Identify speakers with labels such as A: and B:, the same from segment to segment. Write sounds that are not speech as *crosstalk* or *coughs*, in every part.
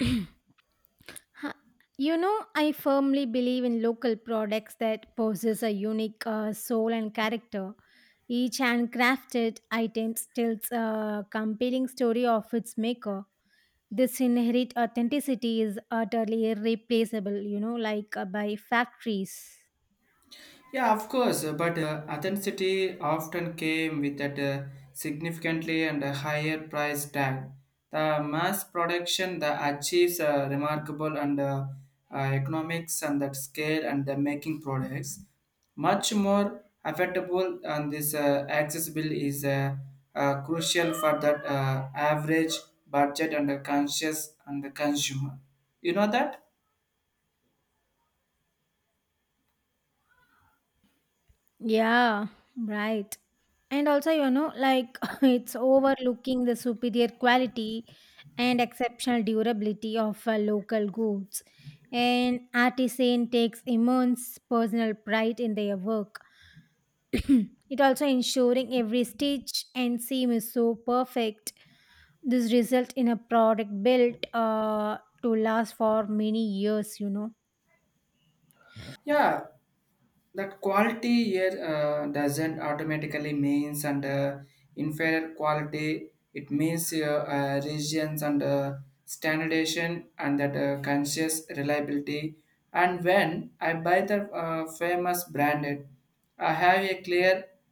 A: *clears throat* Huh. You know, I firmly believe in local products that possess a unique soul and character. Each handcrafted item tells a compelling story of its maker. This inherent authenticity is utterly irreplaceable, you know, like by factories.
B: Yeah, of course, but authenticity often came with that significantly and a higher price tag. The mass production that achieves remarkable and economics and that scale and the making products much more affordable and this accessible is crucial for that average budget and the conscious and the consumer. You know that?
A: Yeah, right. And also, you know, like *laughs* it's overlooking the superior quality and exceptional durability of local goods. An artisan takes immense personal pride in their work. *clears throat* It also ensuring every stitch and seam is so perfect. This result in a product built to last for many years.
B: Yeah, that quality here doesn't automatically means and inferior quality it means regions and standardization and that conscious reliability and when I buy the famous branded I have a clear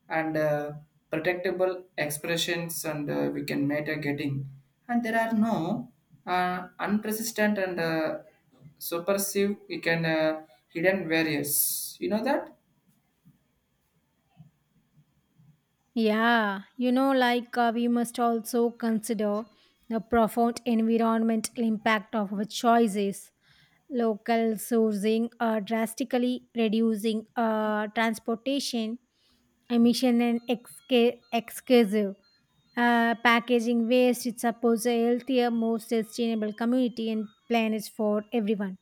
B: and protectable expressions and we can matter getting and there are no unprecedented and subversive we can hidden various you know that.
A: Yeah, you know, like we must also consider the profound environmental impact of our choices. Local sourcing, drastically reducing transportation emission and exclusive packaging waste. It supports a healthier, more sustainable community and planet for everyone.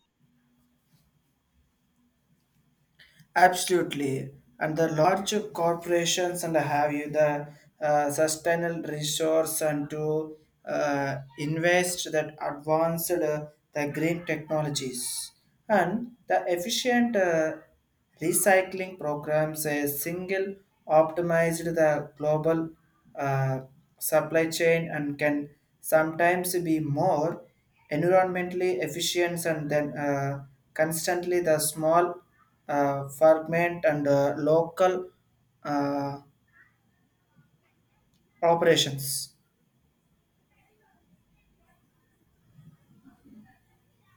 B: Absolutely, and the large corporations and have you the sustainable resource and to invest that advanced the green technologies and the efficient recycling programs. A single optimized the global uh, supply chain and can sometimes be more environmentally efficient and then constantly the small ferment and local uh, operations.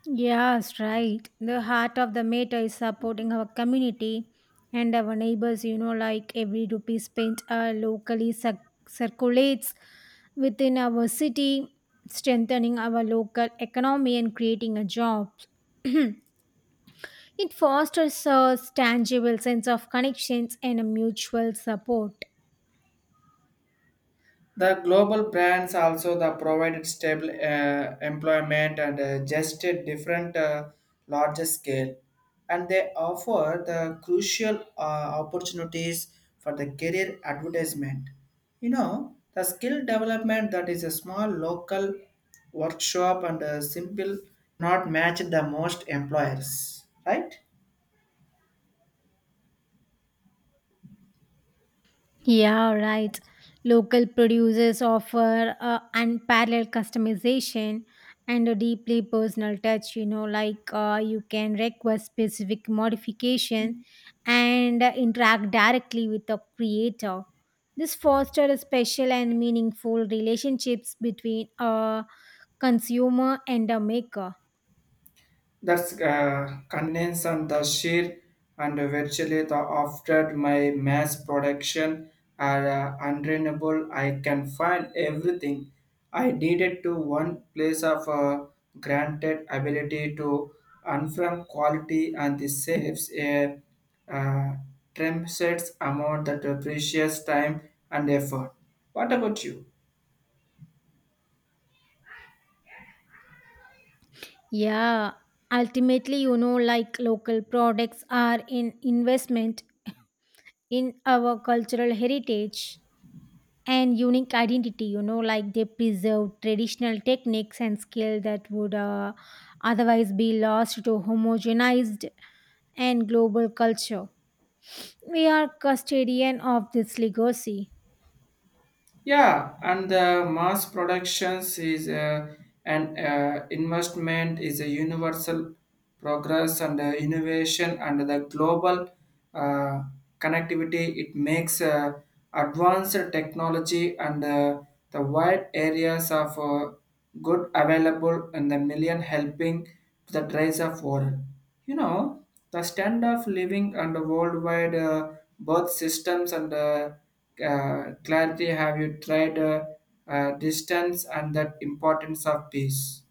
A: Yes, right. The heart of the matter is supporting our community and our neighbors. You know, like every rupee spent locally circulates within our city, strengthening our local economy and creating a job. *clears throat* It fosters a tangible sense of connections and a mutual support.
B: The global brands also the provided stable employment and just a different larger scale, and they offer the crucial opportunities for the career advertisement. You know the skill development that is a small local workshop and simple not match the most employers, right?
A: Yeah, right. Local producers offer unparalleled customization and a deeply personal touch. You know, like you can request specific modification and interact directly with the creator. This fosters a special and meaningful relationships between a consumer and a maker.
B: That's condense and the sheer and virtually the after my mass production are untrainable. I can find everything. I needed to one place of granted ability to unframe quality and this saves a uh, tremendous amount that precious time and effort. What about you?
A: Yeah, ultimately, you know, like local products are an investment in our cultural heritage and unique identity. You know, like they preserve traditional techniques and skill that would otherwise be lost to homogenized and global culture. We are custodian of this legacy.
B: Yeah, and the mass productions is an investment is a universal progress and innovation and the global uh, connectivity. It makes advanced technology and the wide areas of good available and the million helping to the rise of world. You know. The standard of living and the worldwide birth systems and clarity have you tried distance and that importance of peace?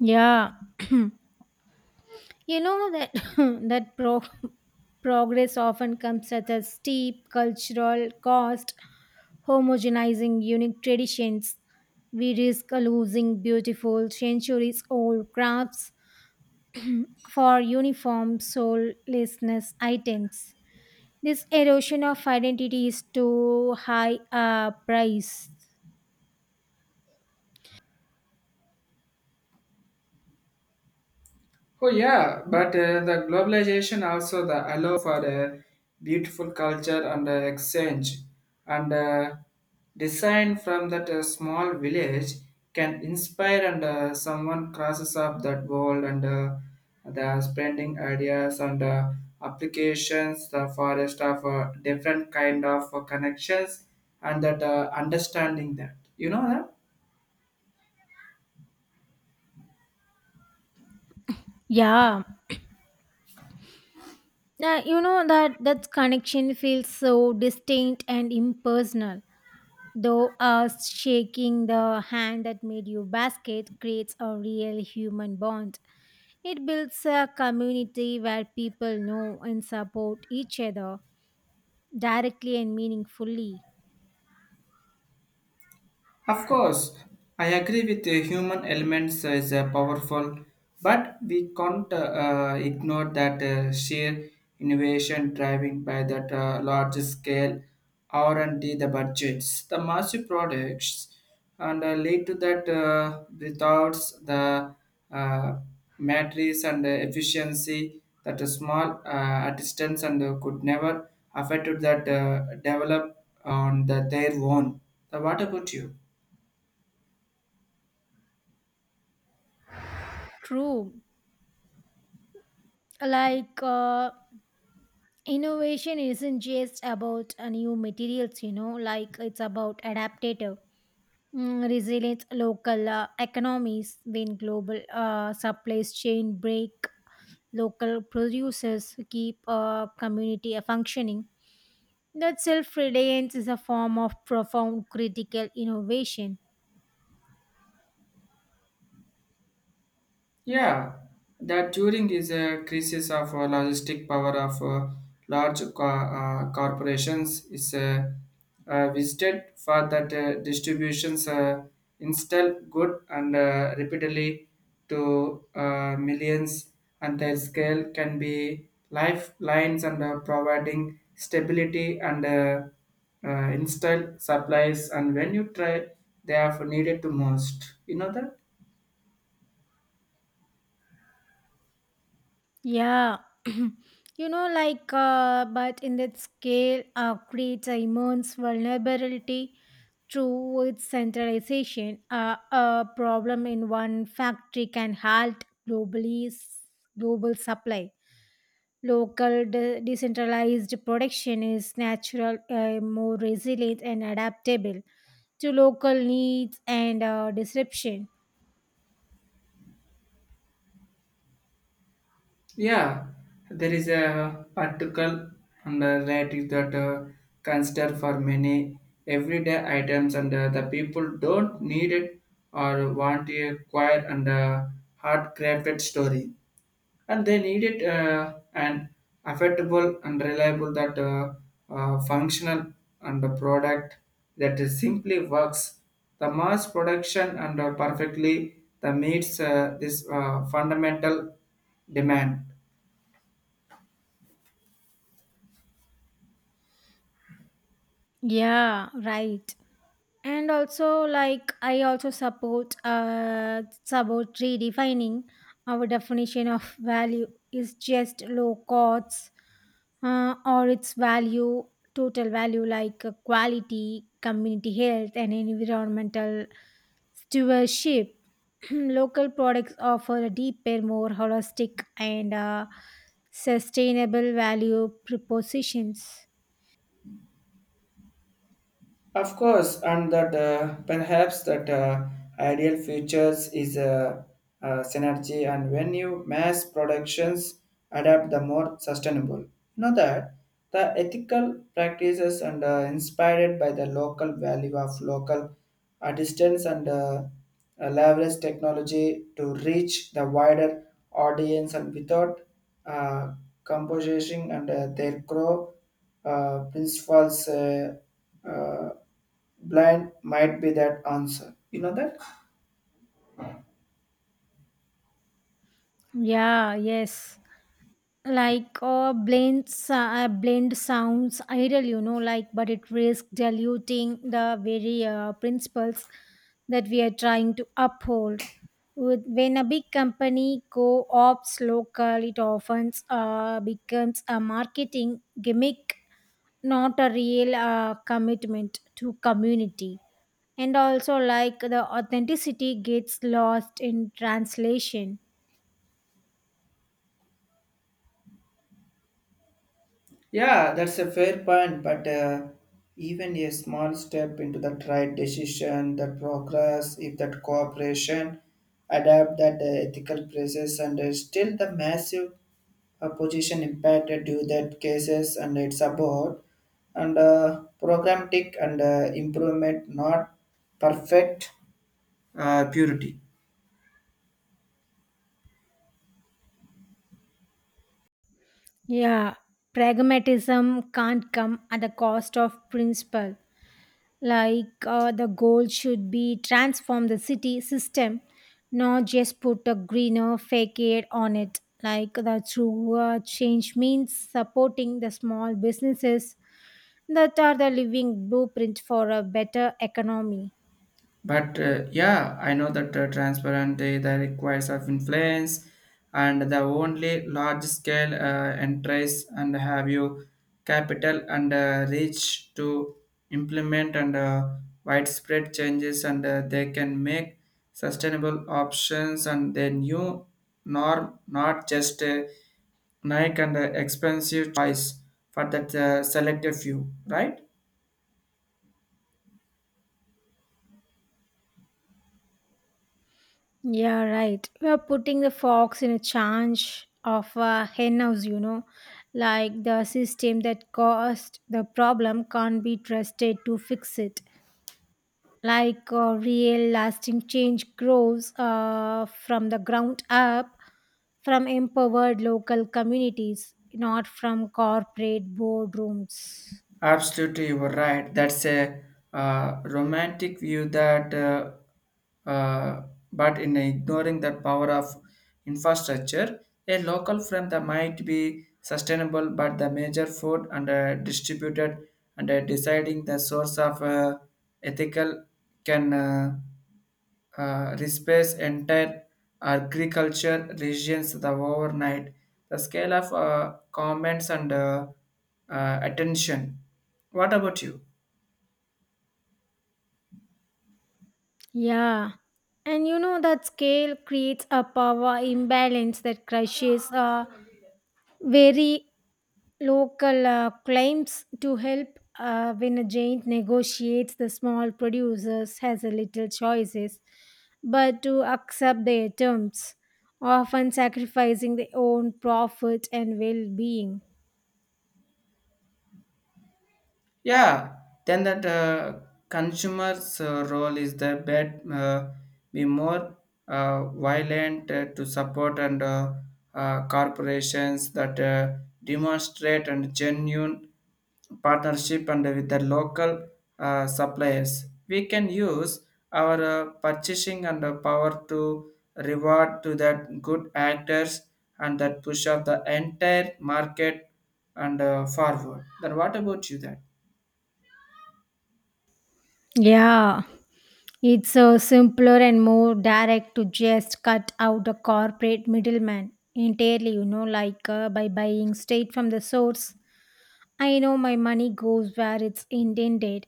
A: Yeah. *clears throat* You know that *laughs* that pro- progress often comes at a steep cultural cost, homogenizing unique traditions. We risk losing beautiful centuries old crafts for uniform soullessness items. This erosion of identity is too high a price.
B: Oh yeah, but the globalization also the allow for a beautiful culture and exchange and design from that small village can inspire and someone crosses up that world and the spreading ideas and applications the forest of different kind of connections and that understanding that you know that.
A: Yeah, you know that connection feels so distinct and impersonal. Though us shaking the hand that made you basket creates a real human bond. It builds a community where people know and support each other directly and meaningfully.
B: Of course, I agree with the human elements is powerful, but we can't ignore that sheer innovation driving by that large scale R&D, the budgets, the massive products, and lead to that without the uh, matrix and efficiency that a small distance and could never affect that develop on the, their own. What about you?
A: True. Like uh, innovation isn't just about new materials. You know, like it's about adaptive resilience local economies. When global supply chain break, local producers keep community functioning. That self-reliance is a form of profound critical innovation.
B: Yeah, that Turing is a crisis of logistic power of large corporations is visited for that distributions install good and repeatedly to millions and their scale can be lifelines and providing stability and install supplies and when you try they have needed to most you know that.
A: Yeah. *clears throat* But in that scale, creates a immense vulnerability through its centralization. A problem in one factory can halt global supply. Local decentralized production is natural, more resilient, and adaptable to local needs and disruption.
B: Yeah, there is a article under related that consider for many everyday items and the people don't need it or want a quiet and hard crafted story, and they need it and affordable and reliable that functional and the product that is simply works. The mass production and perfectly the meets this fundamental demand.
A: Yeah, right. And also, like, I also support. It's about redefining our definition of value. Is just low costs or its value, total value, like quality, community health and environmental stewardship. *clears throat* local products offer a deeper, more holistic and sustainable value propositions.
B: Of course, and that perhaps that ideal futures is a synergy, and when you mass productions adapt the more sustainable. You know that the ethical practices and inspired by the local value of local artisans and leverage technology to reach the wider audience and without uh, composition and their core principles. Uh, Blind might be that answer you know that.
A: Yeah, yes, like blend sounds ideal. You know, like, but it risks diluting the very principles that we are trying to uphold. With, when a big company co-ops local, it often becomes a marketing gimmick, not a real commitment to community. And also, like, the authenticity gets lost in translation.
B: Yeah, that's a fair point but even a small step into that right decision that progress if that cooperation adapt that ethical process and still the massive opposition impacted due that cases and it's about and programmatic and improvement not perfect purity.
A: Yeah, pragmatism can't come at the cost of principle. The goal should be transform the city system, not just put a greener facade on it. Like the true change means supporting the small businesses that are the living blueprint for a better economy.
B: But yeah, I know that transparent they requires of influence and the only large scale enterprise and have you capital and reach to implement and widespread changes and they can make sustainable options and the new norm not just Nike and expensive choice for that selective few, right?
A: Yeah, right. We are putting the fox in a charge of a hen house, you know, like the system that caused the problem can't be trusted to fix it. Real lasting change grows from the ground up, from empowered local communities, not from corporate boardrooms.
B: Absolutely, you were right. That's a romantic view that, uh, but in ignoring the power of infrastructure, a local firm that might be sustainable, but the major food and distributed and deciding the source of ethical can replace entire agriculture regions the overnight. The scale of comments and attention. What about you?
A: Yeah. And you know that scale creates a power imbalance that crushes very local claims to help. When a giant negotiates, the small producers has a little choices but to accept their terms, often sacrificing their own profit and well-being.
B: Yeah, then that consumer's role is the bet be more violent to support and corporations that demonstrate and genuine partnership and with the local suppliers. We can use our purchasing and power to reward to that good actors and that push up the entire market and forward. Then what about you? That.
A: Yeah, it's simpler and more direct to just cut out the corporate middleman entirely, you know, like by buying straight from the source. I know my money goes where it's intended,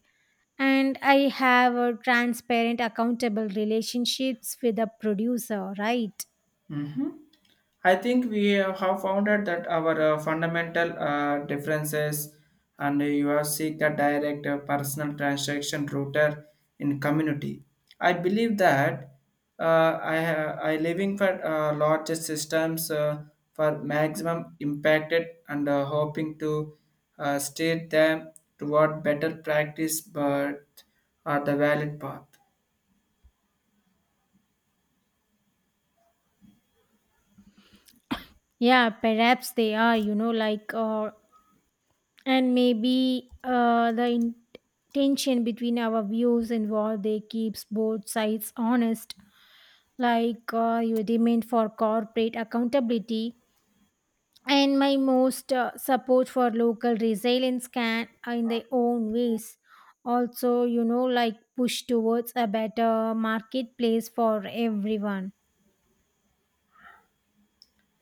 A: and I have a transparent, accountable relationships with the producer, right?
B: Mm. I think we have found out that our fundamental differences and you have seek a direct personal transaction router in community. I believe that I living for larger systems for maximum impacted and hoping to steer them toward better practice but are the valid path.
A: Yeah, perhaps they are, you know, like and maybe the tension between our views involved they keeps both sides honest, like your demand for corporate accountability and my most support for local resilience can in their own ways also, you know, like push towards a better marketplace for everyone.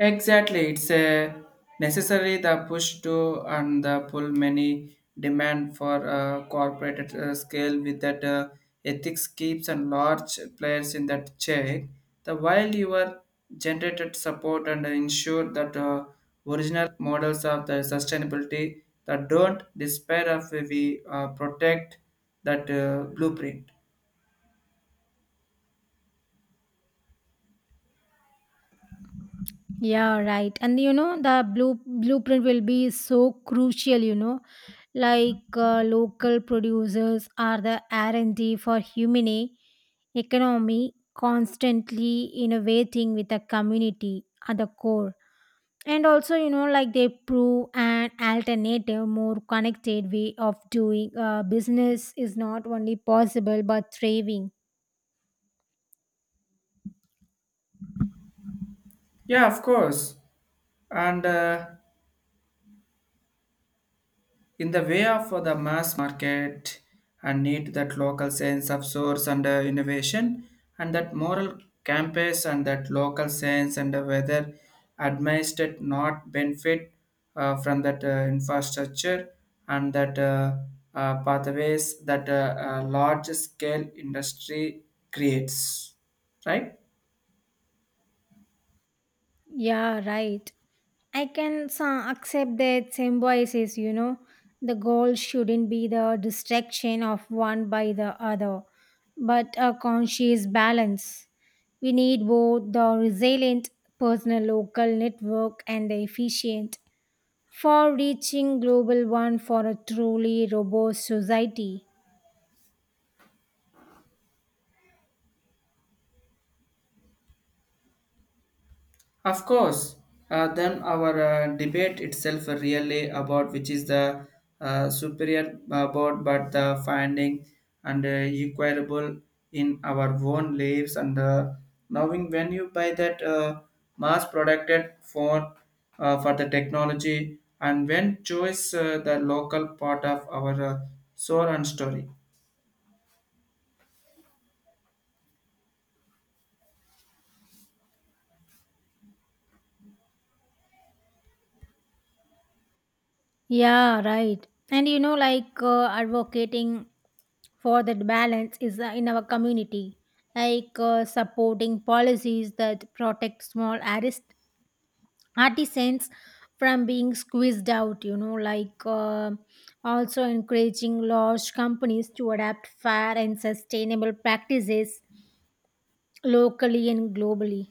B: Exactly, it's a necessary the push to and the pull many demand for corporate scale with that ethics keeps and large players in that check. The while you are generated support and ensure that original models of the sustainability that don't despair of we protect that blueprint.
A: Yeah, right. And you know, the blueprint will be so crucial, you know. Local producers are the R&D for human economy, constantly innovating with the community at the core. And also, you know, like they prove an alternative, more connected way of doing business is not only possible but thriving.
B: Yeah, of course, and. In the way of the mass market and need that local sense of source and innovation and that moral campus and that local sense and whether administered not benefit from that infrastructure and that pathways that large scale industry creates right.
A: Yeah, right. I can accept that symbiosis, you know, the goal shouldn't be the distraction of one by the other, but a conscious balance. We need both the resilient personal local network and the efficient for reaching global one for a truly robust society.
B: Of course, then our debate itself really about which is the superior board, but the finding and equitable in our own lives and knowing when you buy that mass producted for the technology and when choose the local part of our soul and story.
A: Yeah, right. And you know, like advocating for that balance is in our community, like supporting policies that protect small artist artisans from being squeezed out. You know, like also encouraging large companies to adapt fair and sustainable practices locally and globally.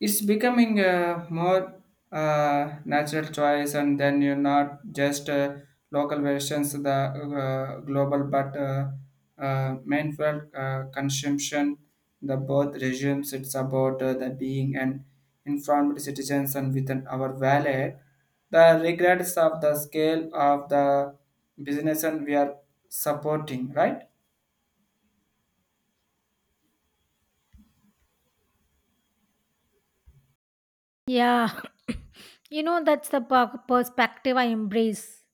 B: It's becoming a more natural choice and then you're not just local versions of the global but mindful consumption the both regimes it's about the being and informed citizens and within our wallet the regrets of the scale of the business and we are supporting right.
A: Yeah. *coughs* You know that's the perspective I embrace.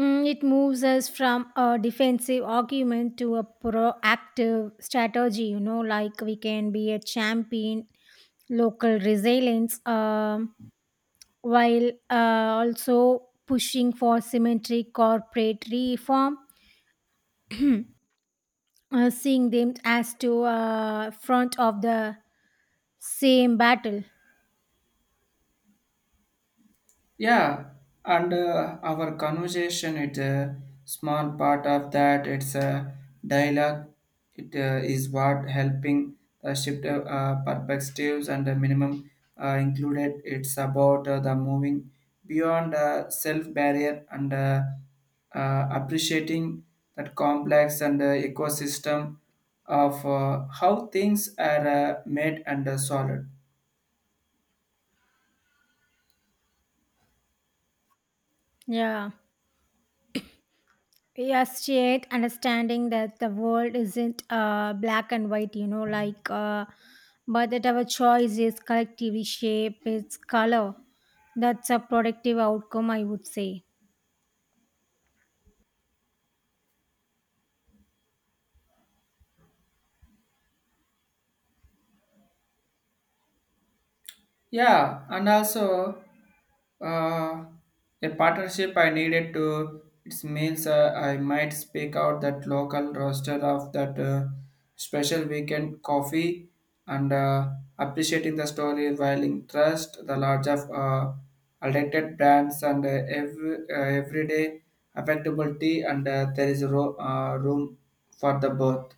A: It moves us from a defensive argument to a proactive strategy, you know, like we can be a champion, local resilience, while also pushing for symmetric corporate reform, *clears throat* seeing them as to front of the same battle.
B: Yeah, and our conversation is a small part of that. It's a dialogue. It is what helping shift perspectives and the minimum included. It's about the moving beyond self barrier and appreciating that complex and ecosystem of how things are made and solid.
A: Yeah. Yes, yet understanding that the world isn't black and white, you know, but that our choices collectively shape its color. That's a productive outcome, I would say.
B: Yeah, and also uh, a partnership I needed to. It means I might speak out that local roster of that special weekend coffee and appreciating the story while in trust the large of alternated brands and every everyday affectability and there is room for the both.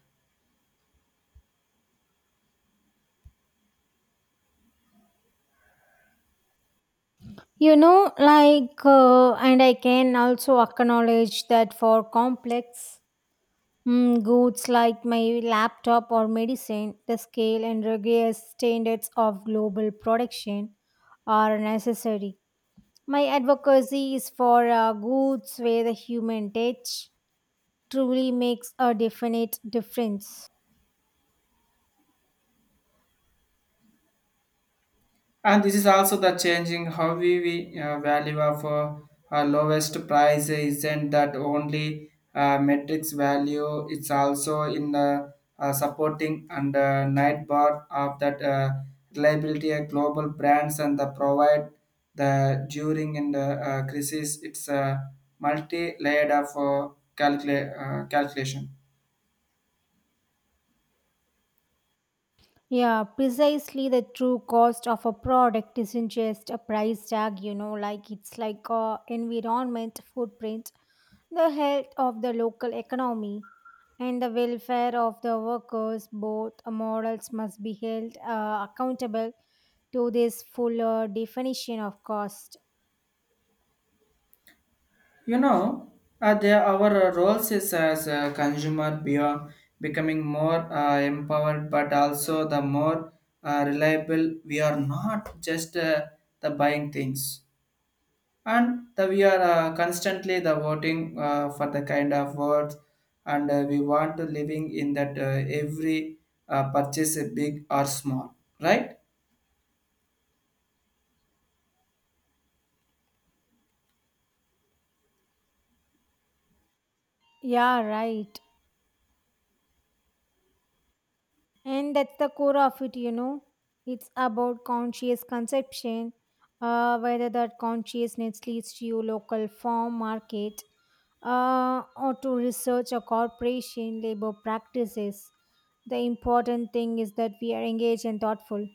A: You know, like and I can also acknowledge that for complex goods like my laptop or medicine, the scale and rigorous standards of global production are necessary. My advocacy is for goods where the human touch truly makes a definite difference.
B: And this is also the changing how we value of lowest price isn't that only metrics value. It's also in the supporting and night bar of that reliability of global brands and the provide the during and the crisis. It's a multi-layered of calcula- calculation.
A: Yeah, precisely the true cost of a product isn't just a price tag, you know, like it's like a environment footprint, the health of the local economy and the welfare of the workers. Both models must be held accountable to this fuller definition of cost.
B: You know, there our roles is as a consumer beyond becoming more empowered, but also the more reliable. We are not just the buying things, and the, we are constantly the voting for the kind of words, and we want to living in that every purchase, big or small, right?
A: Yeah, right. And that's the core of it, you know. It's about conscious conception, whether that consciousness leads to your local farm market or to research or corporation labor practices. The important thing is that we are engaged and thoughtful.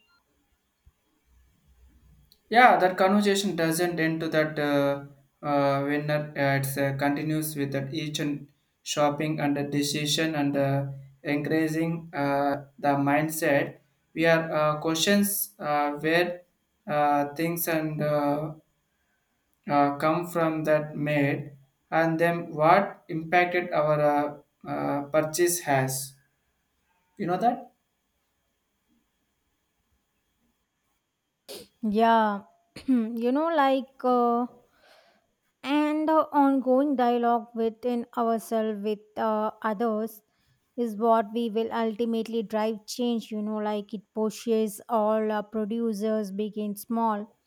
B: Yeah, that conversation doesn't end to that when it continues with that each and shopping and the decision and increasing the mindset. We are questions where things and come from that made and then what impacted our purchase has. You know that?
A: Yeah. *clears throat* you know, like, uh, and the ongoing dialogue within ourselves with others is what we will ultimately drive change, you know, like it pushes all our producers, big and small,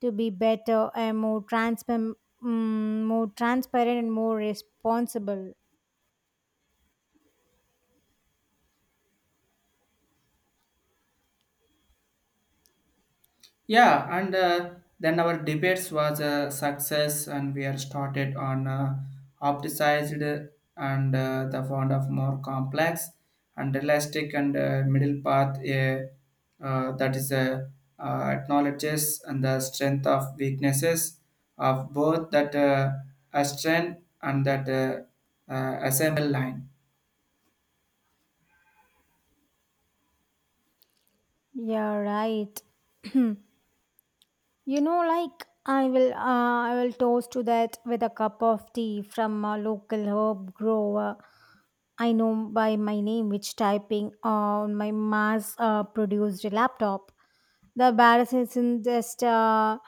A: to be better and more transparent, more transparent and more responsible.
B: Yeah, and then our debates was a success, and we are started on opticized and the font of more complex and realistic and middle path. That is acknowledges and the strength of weaknesses of both that a strength and that assemble line.
A: Yeah, right. *clears throat* You know, like I will toast to that with a cup of tea from a local herb grower. I know by my name, which typing on my mass produced laptop. The barrel isn't just a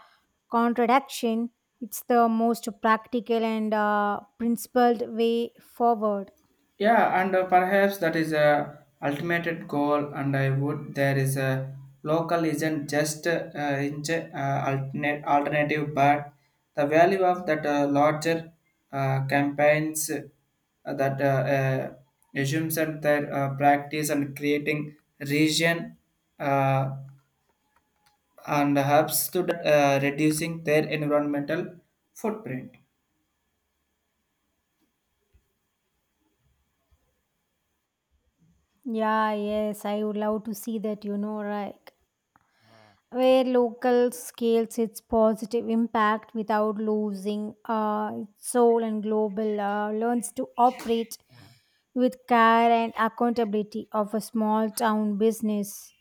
A: contradiction; it's the most practical and principled way forward.
B: Yeah, and perhaps that is a ultimate goal. And I would there is a local isn't just alternate alternative, but the value of that larger campaigns that assumes and their practice and creating region uh, and helps to reducing their environmental footprint.
A: Yeah, yes, I would love to see that. You know, right? Where local scales its positive impact without losing its soul, and global learns to operate with care and accountability of a small town business.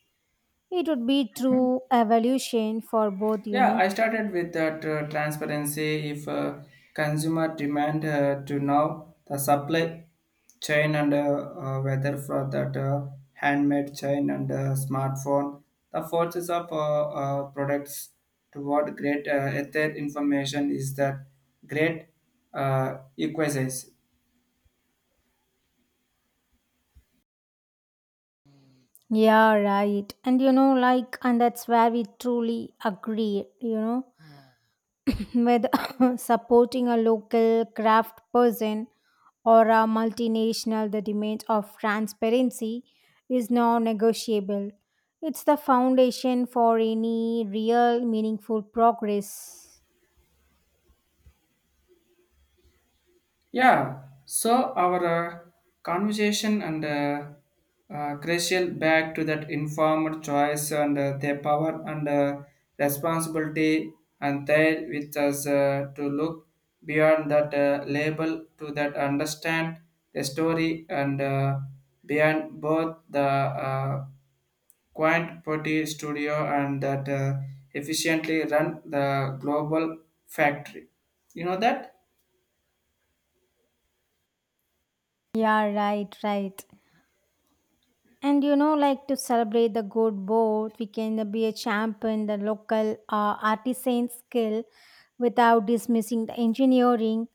A: It would be true evolution for both, you
B: Yeah,
A: know.
B: I started with that transparency. If consumer demand to know the supply chain and whether for that handmade chain and smartphone, the forces of products toward great ether information is that great equities.
A: Yeah, right. And you know, like, and that's where we truly agree, you know. *coughs* with *laughs* *coughs* supporting a local craft person or a multinational, the demand of transparency is non negotiable. It's the foundation for any real meaningful progress.
B: Yeah, so our conversation and crucial back to that informed choice and their power and responsibility and there with us to look beyond that label to that understand the story and beyond both the quaint pretty studio and that efficiently run the global factory. You know that?
A: Yeah, right, right. And you know, like to celebrate the good both, we can be a champion, the local artisan skill without dismissing the engineering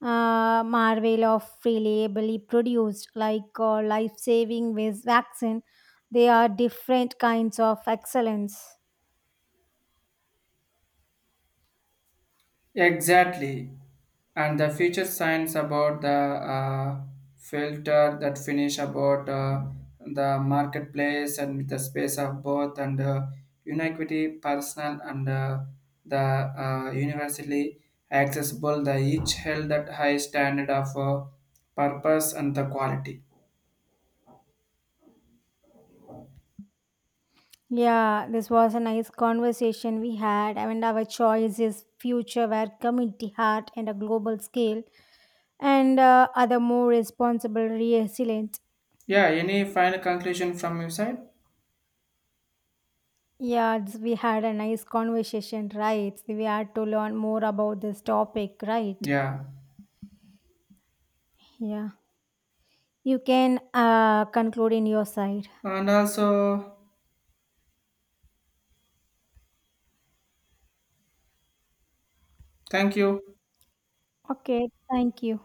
A: marvel of reliably produced, like life saving with vaccine. They are different kinds of excellence.
B: Exactly. And the future science about the filter that finish about the marketplace and with the space of both and inequity, personal and the universally accessible, the each held that high standard of purpose and the quality.
A: Yeah, this was a nice conversation we had. I mean, our choice is future where community heart and a global scale and other more responsible, resilient.
B: Yeah, any final conclusion from your side?
A: Yeah, it's- we had a nice conversation, right? We had to learn more about this topic, right?
B: Yeah.
A: Yeah. You can conclude in your side.
B: And also, thank you.
A: Okay, thank you.